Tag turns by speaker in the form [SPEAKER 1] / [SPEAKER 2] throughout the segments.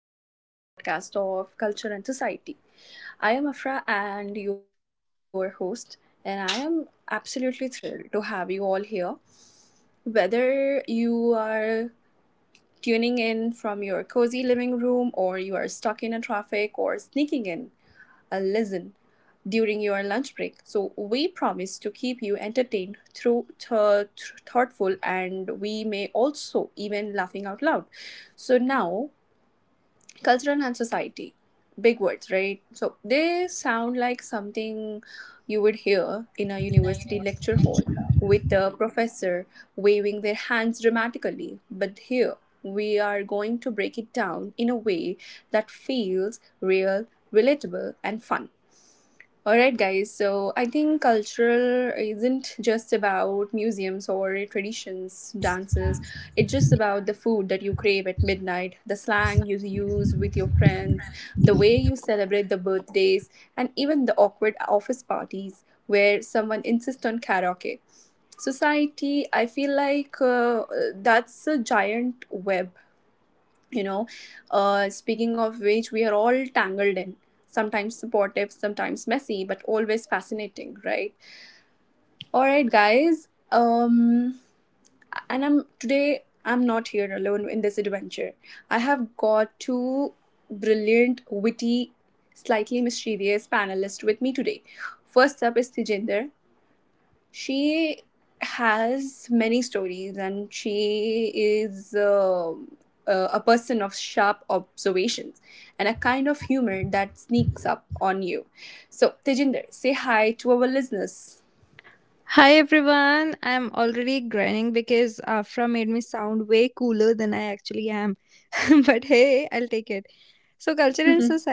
[SPEAKER 1] welcome everyone to today's podcast of Culture and Society. I am Afra and your host, and I am absolutely thrilled to have you all here. Whether you are tuning in from your cozy living room, or you are stuck in a traffic, or sneaking in a listen during your lunch break. So, we promise to keep you entertained through thoughtful, and we may also even laughing out loud. So, now cultural and society, big words, right? So they sound like something you would hear in a university lecture hall with a professor waving their hands dramatically. But here we are going to break it down in a way that feels real, relatable, and fun. All right, guys. So I think culture isn't just about museums or traditions, dances. It's just about the food that you crave at midnight, the slang you use with your friends, the way you celebrate the birthdays, and even the awkward office parties where someone insists on karaoke. Society, I feel like, that's a giant web, you know speaking of which we are all tangled in, sometimes supportive, sometimes messy, but always fascinating, right? All right, guys. And I'm today I'm not here alone in this adventure. I have got two brilliant, witty, slightly mischievous panelists with me today. First up is Tejinder. She has many stories, and she is a person of sharp observations and a kind of humor that sneaks up on you. So, Tejinder, say hi to our listeners.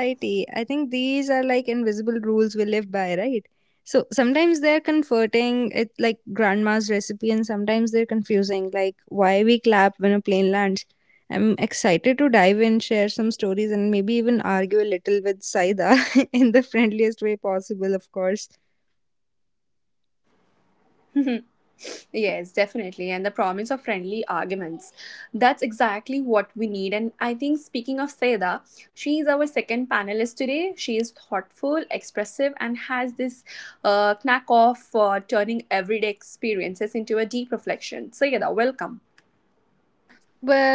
[SPEAKER 1] Yes, definitely. And the promise of friendly arguments. That's exactly what we need. And I think, speaking of Seda, she is our second panelist today. She is thoughtful, expressive, and has this knack of turning everyday experiences into a deep reflection. Seda, welcome.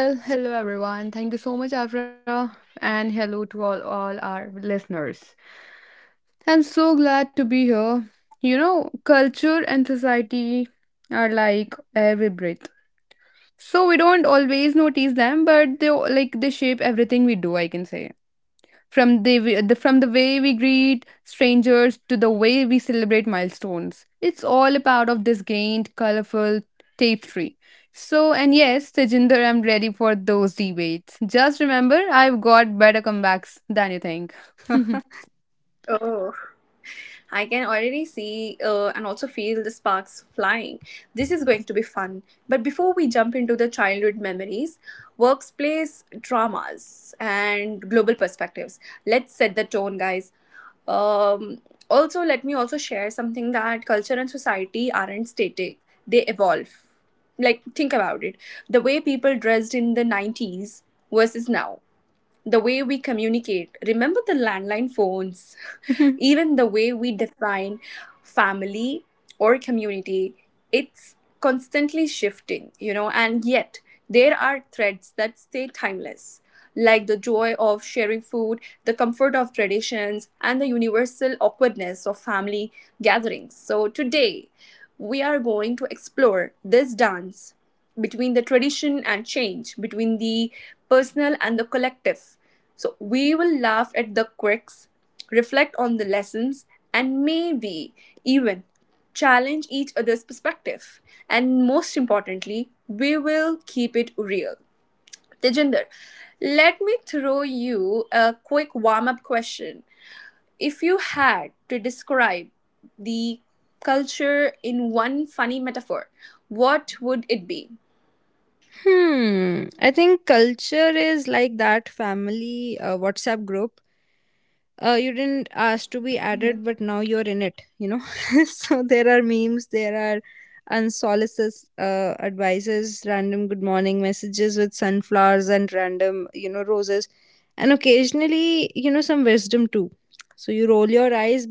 [SPEAKER 2] Well, hello everyone. Thank you so much, Afra, and hello to all our listeners. I'm so glad to be here. You know, culture and society are like air we breathe. So we don't always notice them, but they shape everything we do, I can say from the, w- the from the way we greet strangers to the way we celebrate milestones. It's all a part of this gained, colorful tapestry. So, and yes, Tejinder, I'm ready for those debates. Just remember, I've got better comebacks than you think.
[SPEAKER 1] Oh. I can already see, and also feel the sparks flying. This is going to be fun. But before we jump into the childhood memories, workplace dramas, and global perspectives, let's set the tone, guys. Um, Also, let me also share something: that culture and society aren't static, they evolve. Like, think about it. The way people dressed in the 90s versus now, the way we communicate, remember the landline phones. Even the way we define family or community, it's constantly shifting, you know? And yet there are threads that stay timeless, like the joy of sharing food, the comfort of traditions, and the universal awkwardness of family gatherings. So today we are going to explore this dance between the tradition and change, between the personal and the collective. So we will laugh at the quirks, reflect on the lessons, and maybe even challenge each other's perspective. And most importantly, we will keep it real. Tejinder, let me throw you a quick warm up question. If you had to describe the culture in one funny metaphor, what would it be?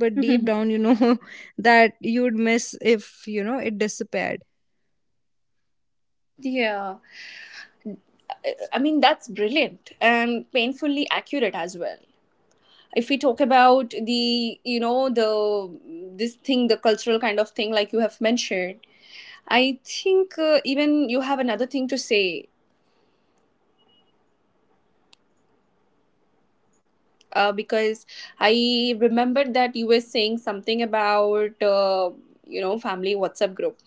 [SPEAKER 1] Yeah. I mean, that's brilliant and painfully accurate as well. If we talk about the, you know, the this thing, the cultural kind of thing, like you have mentioned, I think, even you have another thing to say, because I remembered that you were saying something about, family WhatsApp group.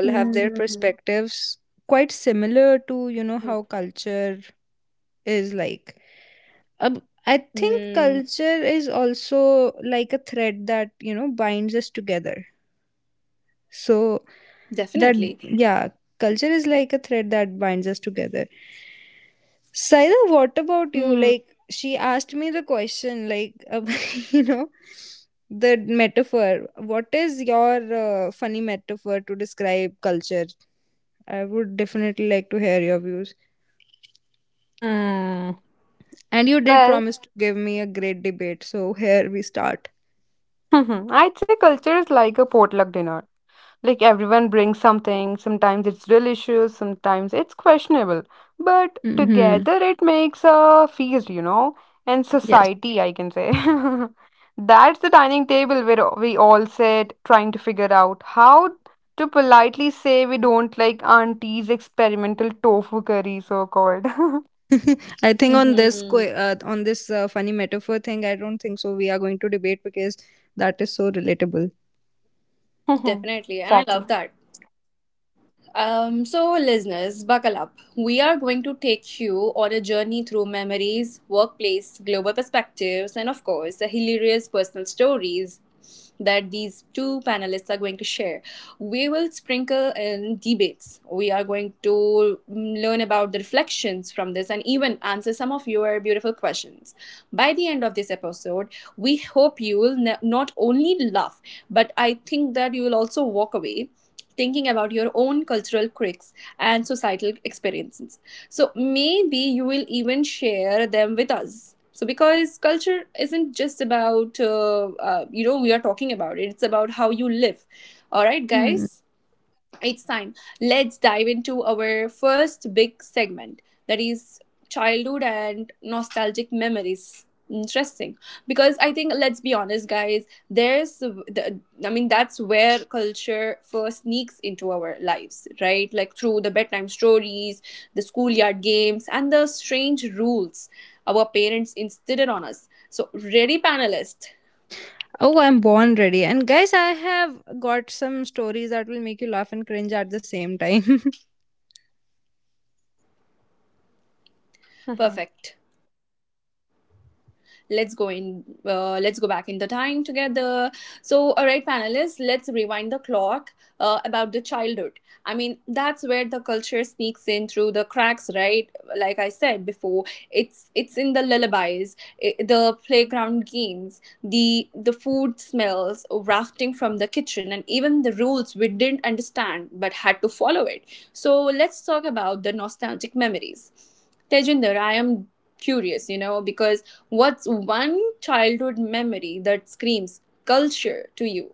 [SPEAKER 1] Mm. Mm, definitely. Mm.
[SPEAKER 2] Hmm. Well, I'd say culture is like a potluck dinner. Like everyone brings something. Sometimes it's delicious, sometimes it's questionable. But together it makes a feast, you know, and society, I can say. That's the dining table where we all sit trying to figure out how to politely say we don't like auntie's experimental tofu curry, so called.
[SPEAKER 1] Hmm. Definitely. And I love
[SPEAKER 2] Exactly.
[SPEAKER 1] that. So, listeners, buckle up. We are going to take you on a journey through memories, workplace, global perspectives, and of course, the hilarious personal stories that these two panelists are going to share. We will sprinkle in debates. We are going to learn about the reflections from this and even answer some of your beautiful questions. By the end of this episode, we hope you will not only laugh, but I think that you will also walk away thinking about your own cultural quirks and societal experiences. So maybe you will even share them with us. So because culture isn't just about, we are talking about it. It's about how you live. All right, guys, it's time. Let's dive into our first big segment, that is childhood and nostalgic memories. Interesting, because I think let's be honest, guys, there's I mean, that's where culture first sneaks into our lives, right? Like through the bedtime stories, the schoolyard games, and the strange rules our parents instilled on us. So, ready, panelists? Perfect. Let's go back in the time together. So all right, panelists, let's rewind the clock, about the childhood. I mean, that's where the culture sneaks in through the cracks, right? Like I said before, it's in the lullabies, I the playground games, the food smells wafting from the kitchen, and even the rules we didn't understand but had to follow it. So let's talk about the nostalgic memories. Tejinder, I am curious, because what's one childhood memory that screams culture to you?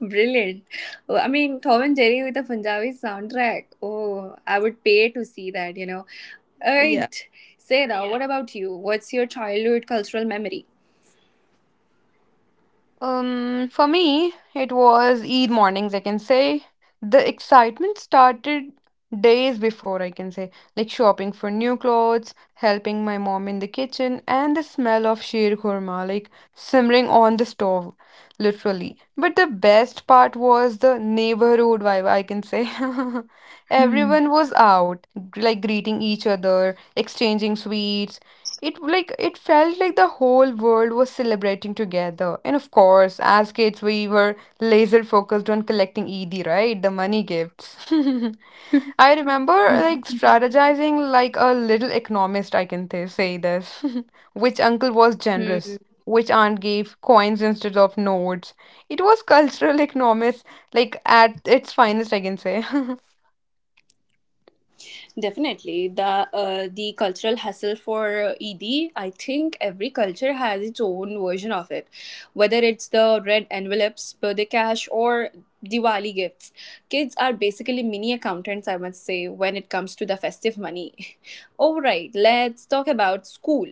[SPEAKER 1] Brilliant. Oh, I mean, Tom and Jerry with a Punjabi soundtrack. Oh, I would pay to see that. All right, Sarah, what about you? What's your childhood cultural memory?
[SPEAKER 2] For me, it was Eid mornings, I can say. The excitement started days before, I can say, like shopping for new clothes, helping my mom in the kitchen, and the smell of sheer khurma, like simmering on the stove literally. But the best part was the neighborhood vibe, I can say. Everyone was out, like greeting each other, exchanging sweets. It felt like the whole world was celebrating together. And of course, as kids, we were laser focused on collecting ED, right? The money gifts. I remember like strategizing like a little economist, I can say this. Which uncle was
[SPEAKER 1] Hmm.
[SPEAKER 2] generous? Which aunt gave coins instead of notes? It was cultural economist, like at its finest, I can say.
[SPEAKER 1] Definitely, the cultural hustle for ED. I think every culture has its own version of it, whether it's the red envelopes, birthday cash, or Diwali gifts. Kids are basically mini accountants, I must say, when it comes to the festive money. All right, let's talk about school.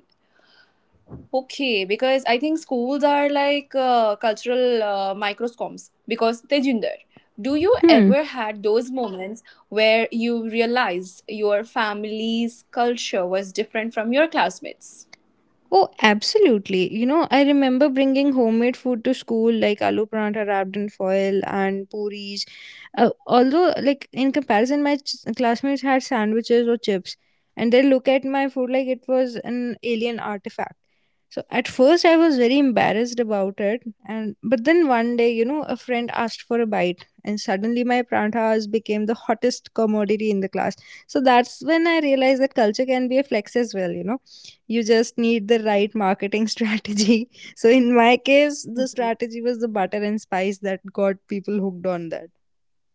[SPEAKER 1] Okay, because I think schools are like, cultural, microscopes. Because Tejinder, do you ever had those moments where you realized your family's culture was different from your classmates?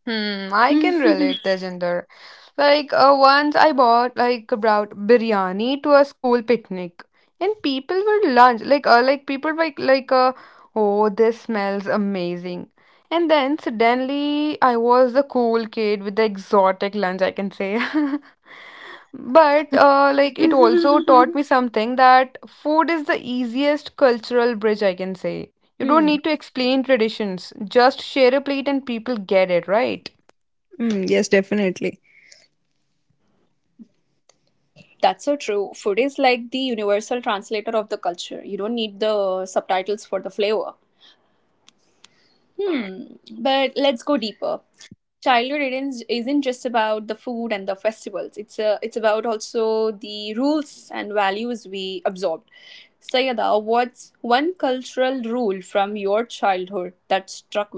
[SPEAKER 2] Hmm, I can relate, Tejinder. Once I bought like about biryani to a school picnic, and people were lunch like people were like, oh this smells amazing, and then suddenly I was the cool kid with the exotic lunch I can say, but like it also taught me something that food is the easiest cultural bridge I can say. You don't need to explain traditions, just share a plate and people get it, right?
[SPEAKER 1] That's so true. Food is like the universal translator of the culture. You don't need the subtitles for the flavor. Hmm. But let's go deeper. Childhood isn't just about the food and the festivals. It's about also the rules and values we absorbed. Sayada, what's one cultural rule from your childhood that struck with you?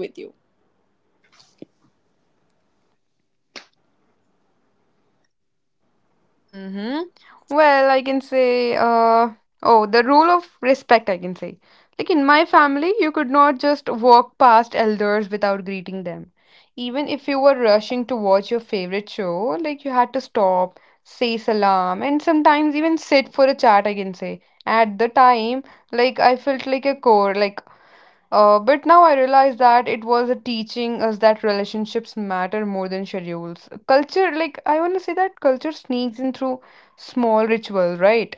[SPEAKER 2] Mm-hmm. Well, oh, the rule of respect, I can say. Like in my family, you could not just walk past elders without greeting them. Even if you were rushing to watch your favorite show, like you had to stop, say salam, and sometimes even sit for a chat, I can say. At the time, like I felt like a core, but now I realize that it was a teaching us that relationships matter more than schedules. Culture, like, I want to say that culture sneaks in through small ritual, right?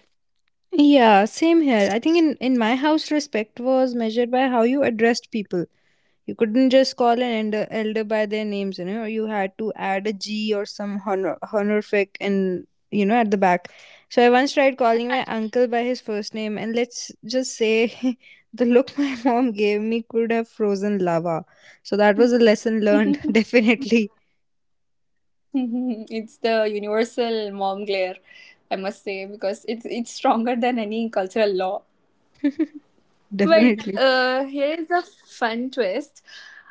[SPEAKER 1] It's the universal mom glare, I must say, because it's stronger than any cultural law. Wait,
[SPEAKER 2] Mhm.
[SPEAKER 1] here is a fun twist.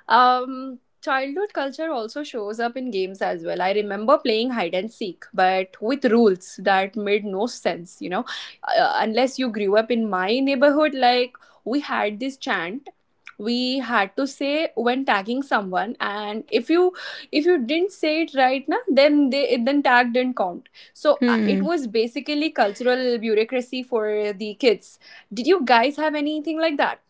[SPEAKER 1] Childhood culture also shows up in games as well. I remember playing hide and seek, but with rules that made no sense, unless you grew up in my neighborhood. Like, we had this chant we had to say when tagging someone, and if you didn't say it right na, then they then tag didn't count. So it was basically cultural bureaucracy for the kids. Did you guys have anything like that?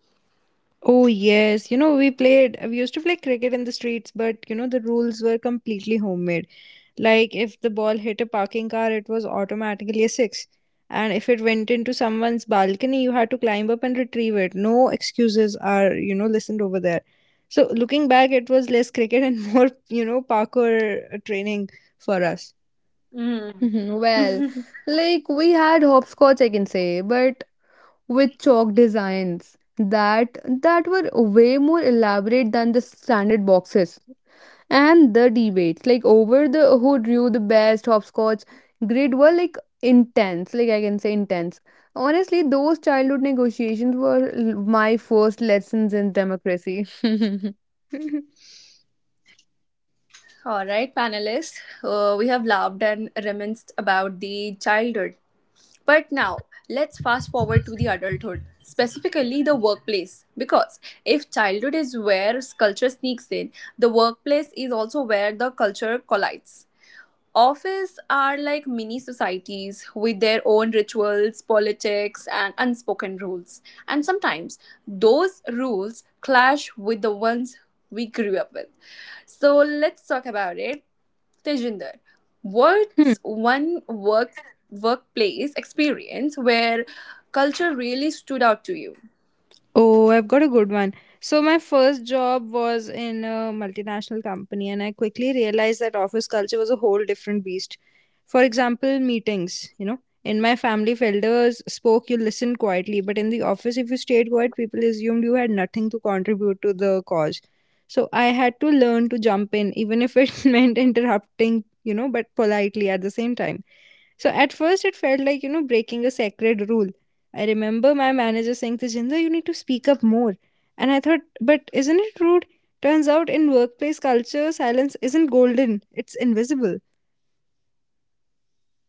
[SPEAKER 1] Mm.
[SPEAKER 2] Mhm, well, like we had hopscotch, I can say, but with chalk designs that were way more elaborate than the standard boxes. And the debates like over the who drew the best hopscotch grid were like intense, like I can say intense. Honestly, those childhood negotiations were my first lessons in democracy.
[SPEAKER 1] All right, panelists, we have laughed and reminisced about the childhood. But now, let's fast forward to the adulthood, specifically the workplace. Because if childhood is where culture sneaks in, the workplace is also where the culture collides. Office are like mini societies with their own rituals, politics, and unspoken rules. And sometimes those rules clash with the ones we grew up with. So let's talk about it. Tejinder, what's one workplace experience where culture really stood out to you?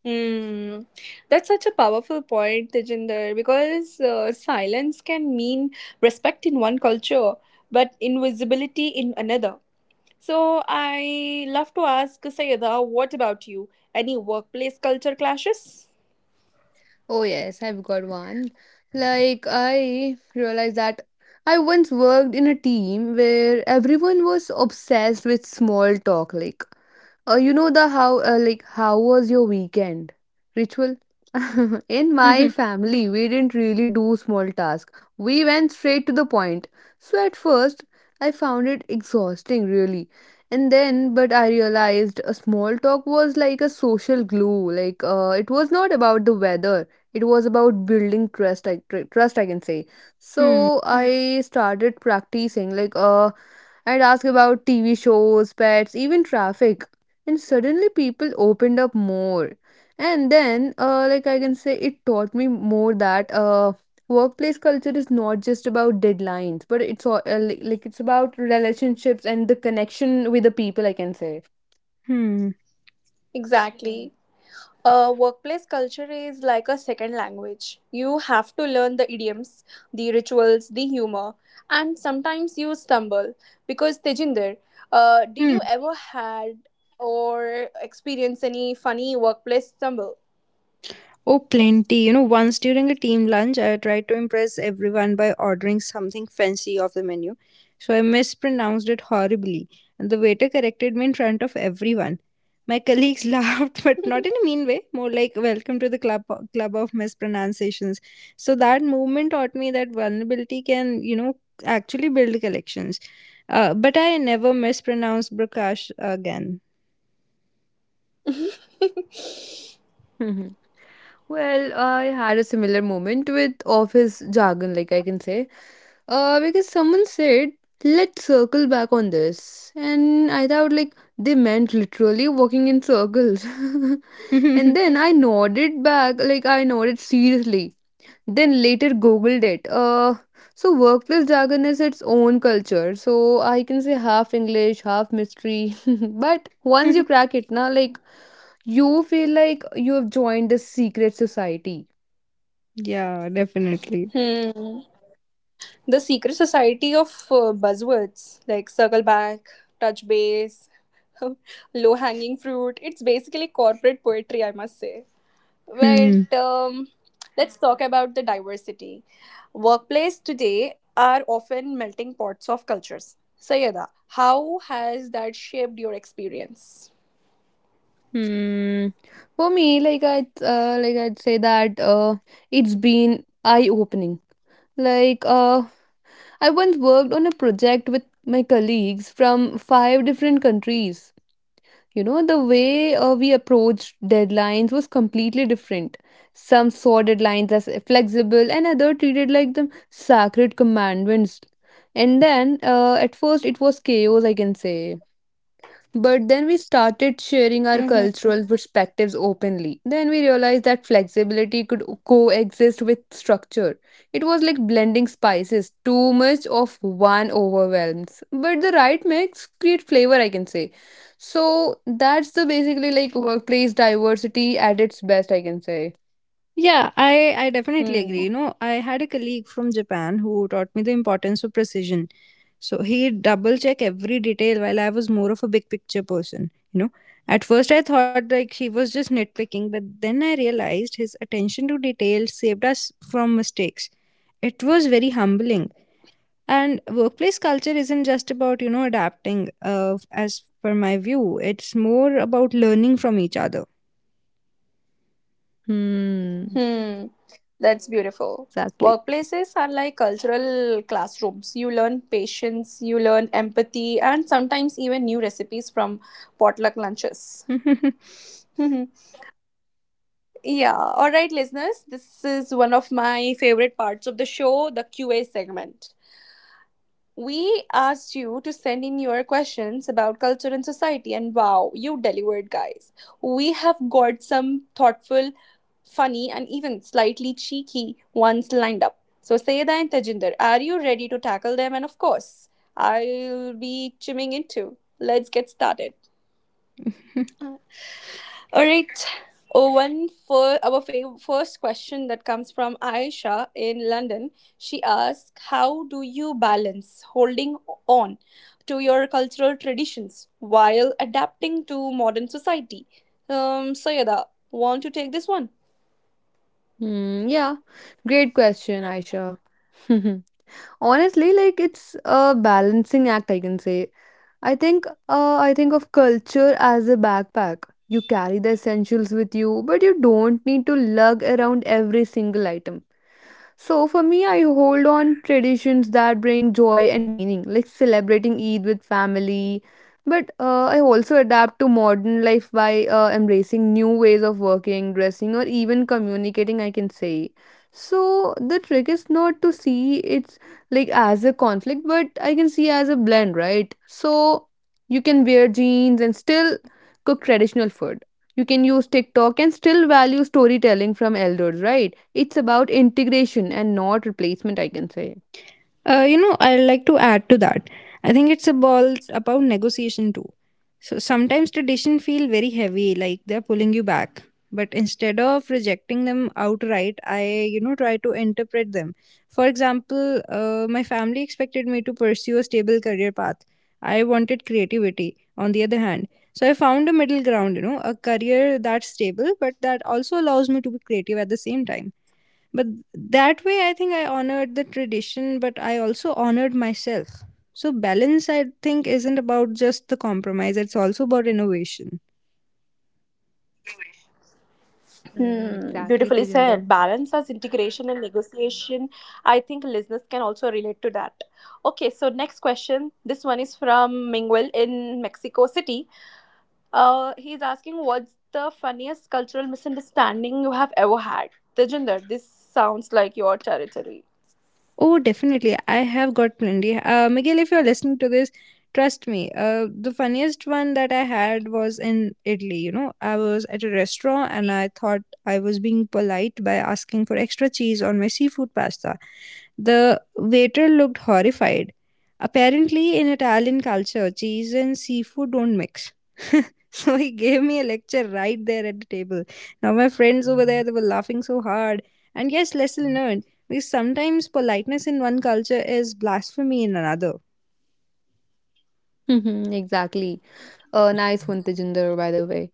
[SPEAKER 1] Hmm. That's such a powerful point, Tejinder, because silence can mean respect in one culture, but invisibility in another. So I love to ask Sayeda, what about you? Any workplace culture clashes?
[SPEAKER 2] Oh yes, I've got one. Like I realized that I once worked in a team where everyone was obsessed with small talk. You know, the how like how was your weekend ritual? In my family, we didn't really do small tasks. We went straight to the point. So at first, I found it exhausting really. And then but I realized a small talk was like a social glue. It was not about the weather. It was about building trust I can say. So I started practicing I'd ask about TV shows, pets, even traffic, and suddenly people opened up more. And then like I can say it taught me more that workplace culture is not just about deadlines, but it's all, like it's about relationships and the connection with the people I can say.
[SPEAKER 1] Exactly. Workplace culture is like a second language. You have to learn the idioms, the rituals, the humor, and sometimes you stumble. Because Tejinder, did you ever had or experience any funny workplace stumble? Hmm.
[SPEAKER 2] Hmm, well, I had a similar moment with office jargon, like I can say, because someone said, "Let's circle back on this," and I thought like they meant literally walking in circles. And then I nodded back, like I nodded seriously. Then later googled it. So workplace jargon is its own culture. So I can say half English, half mystery. But once you crack it, now like you feel like you have joined a secret society.
[SPEAKER 1] The secret society of buzzwords like circle back, touch base, low hanging fruit. It's basically corporate poetry, I must say. But let's talk about the diversity. Workplace today are often melting pots of cultures. Sayada, how has that shaped your experience?
[SPEAKER 2] Hmm. For me, like like I'd say that it's been eye opening. Like uh, I once worked on a project with my colleagues from five different countries. You know, the way we approached deadlines was completely different. Some saw deadlines as flexible, and other treated like them sacred commandments. And then, at first, it was chaos, I can say. But then we started
[SPEAKER 1] Hmm.
[SPEAKER 2] sharing our cultural perspectives openly. Then we realized that flexibility could coexist with structure. It was like blending spices. Too much of one overwhelms. But the right mix create flavor, I can say. So that's the basically like workplace diversity at its best, I can say.
[SPEAKER 1] Hmm.
[SPEAKER 2] Hmm,
[SPEAKER 1] Hmm. That's beautiful.
[SPEAKER 2] exactly.
[SPEAKER 1] Workplaces are like cultural classrooms. You learn patience, you learn empathy, and sometimes even new recipes from potluck lunches. Yeah, all right, listeners. This is one of my favorite parts of the show, the Q&A segment. We asked you to send in your questions about culture and society, and wow, you delivered, guys. We have got some thoughtful, funny, and even slightly cheeky ones lined up. So, Sayeda and Tejinder, are you ready to tackle them? And of course, I'll be chiming in too. Let's get started. All right. Oh, one for our first question that comes from Aisha in London. She asks, "How do you balance holding on to your cultural traditions while adapting to modern society?" Sayada, want to take this one?
[SPEAKER 2] Hmm, yeah. Great question, Aisha. Honestly, like it's a balancing act, I can say. I think of culture as a backpack. You carry the essentials with you, but you don't need to lug around every single item. So for me, I hold on traditions that bring joy and meaning, like celebrating Eid with family. But I also adapt to modern life by embracing new ways of working, dressing, or even communicating, I can say. So the trick is not to see it's like as a conflict, but I can see as a blend, right? So you can wear jeans and still cook traditional food. You can use TikTok and still value storytelling from elders, right? It's about integration and not replacement, I can say. Hmm, exactly,
[SPEAKER 1] Hmm,
[SPEAKER 2] Tejinder.
[SPEAKER 1] beautifully said. Balance as integration and negotiation. I think listeners can also relate to that. Okay, so next question. This one is from Mingwell in Mexico City. He's asking, what's the funniest cultural misunderstanding you have ever had? Tejinder, this sounds like your territory.
[SPEAKER 2] Mhm, exactly. A nice one, Tejinder, by the way.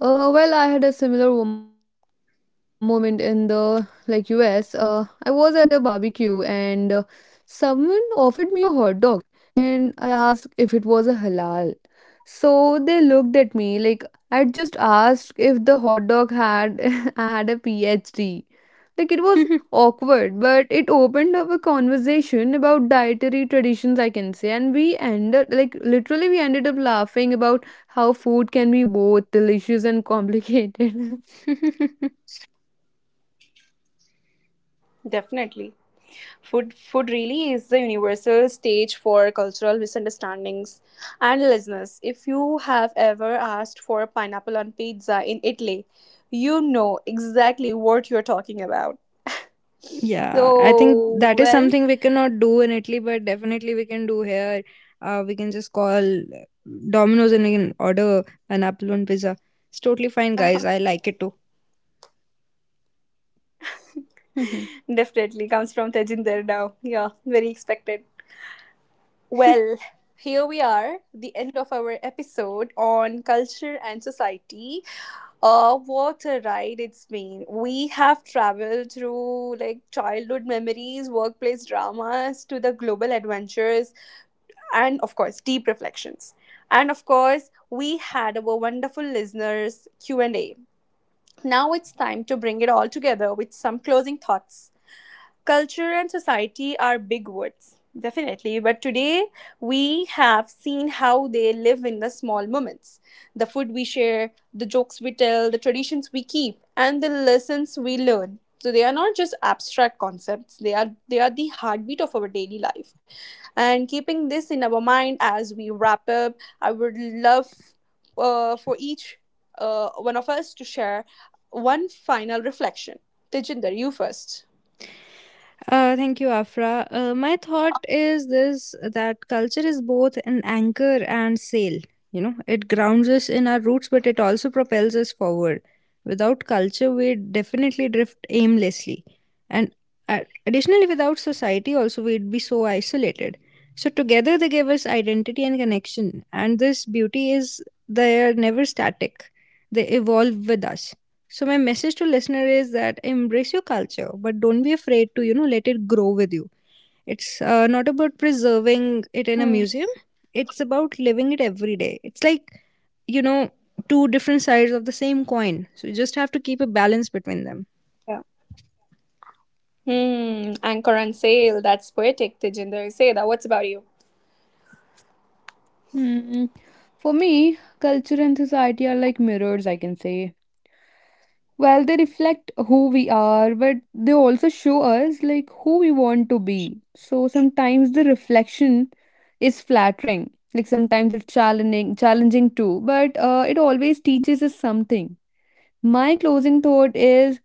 [SPEAKER 2] Well, I had a similar moment in the like US. I was at a barbecue and someone offered me a hot dog, and I asked if it was a halal. So they looked at me like I just asked if the hot dog had I had a PhD. Like it was awkward, but it opened up a conversation about dietary traditions, I can say, and we ended like literally we ended up laughing about how food can be both delicious and complicated.
[SPEAKER 1] Definitely. Food really is the universal stage for cultural misunderstandings, and listeners, if you have ever asked for a pineapple on pizza in Italy, you know exactly what you're talking about. So, well, definitely comes from Tejinder now. Yeah, very expected. Well, here we are, the end of our episode on culture and society. What a ride it's been. We have traveled through, like, childhood memories, workplace dramas, to the global adventures, and of course, deep reflections. And of course, we had our wonderful listeners Q&A. Now it's time to bring it all together with some closing thoughts. Culture and society are big words, definitely, but today we have seen how they live in the small moments: the food we share, the jokes we tell, the traditions we keep, and the lessons we learn. So they are not just abstract concepts, they are the heartbeat of our daily life. And keeping this in our mind as we wrap up, I would love, for each, one of us to share one final reflection. Tejinder, you first. Hmm. Hmm, anchor and sail. That's poetic, Tejinder. Seda, what's about you?
[SPEAKER 2] Hmm. For me, culture and society are like mirrors, I can say. Well, they reflect who we are, but they also show us like who we want to be. So sometimes the reflection is flattering, like sometimes it's challenging too, but it always teaches us something. My closing thought is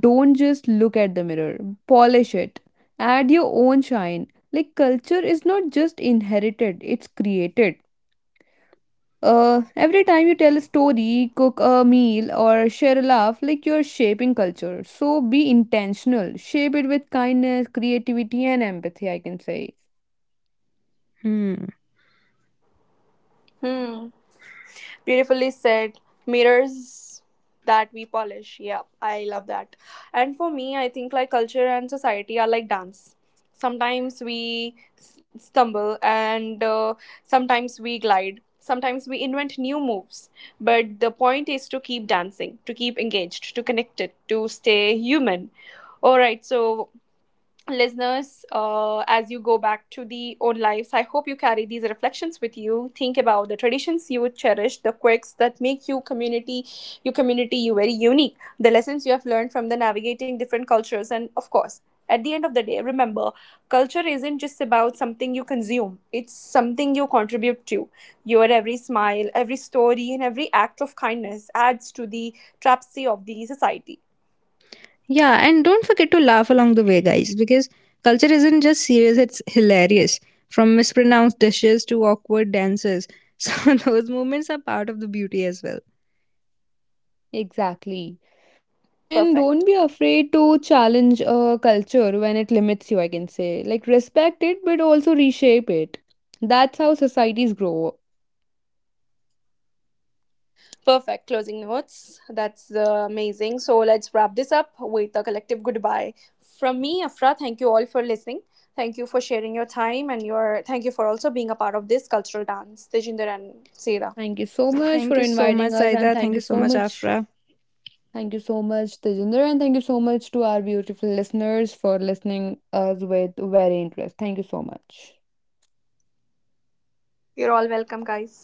[SPEAKER 2] don't just look at the mirror, polish it. Add your own shine. Like culture is not just inherited, it's created. Every time you tell a story, cook a meal, or share a laugh, like you're shaping culture. So be intentional. Shape it with kindness, creativity, and empathy, I can say.
[SPEAKER 1] Hmm. Beautifully said. Mirrors that we polish. Yeah, I love that. And for me, I think, like, culture and society are like dance. Sometimes we stumble, and sometimes we glide. Sometimes we invent new moves. But the point is to keep dancing, to keep engaged, to connect it, to stay human. All right, so listeners, as you go back to the own lives, I hope you carry these reflections with you. Think about the traditions you would cherish, the quirks that make you community, your community, you very unique, the lessons you have learned from the navigating different cultures, and of course, at the end of the day, remember, culture isn't just about something you consume; it's something you contribute to. Your every smile, every story, and every act of kindness adds to the tapestry of the society.
[SPEAKER 2] Exactly. And don't
[SPEAKER 1] Perfect.
[SPEAKER 2] be afraid to challenge a culture when it limits you, I can say. Like, respect it, but also reshape it. That's how societies grow.
[SPEAKER 1] Perfect closing notes. That's amazing. So let's wrap this up with a collective goodbye. From me, Afra, thank you all for listening. Thank you for sharing your time, and your thank you for also being a part of this cultural dance, Tejinder and Seda.
[SPEAKER 2] Thank you so much for inviting us, and thank you so much. Thank you so much, Tejinder, and thank you so much to our beautiful listeners for listening us with very interest. Thank you so much.
[SPEAKER 1] You're all welcome, guys.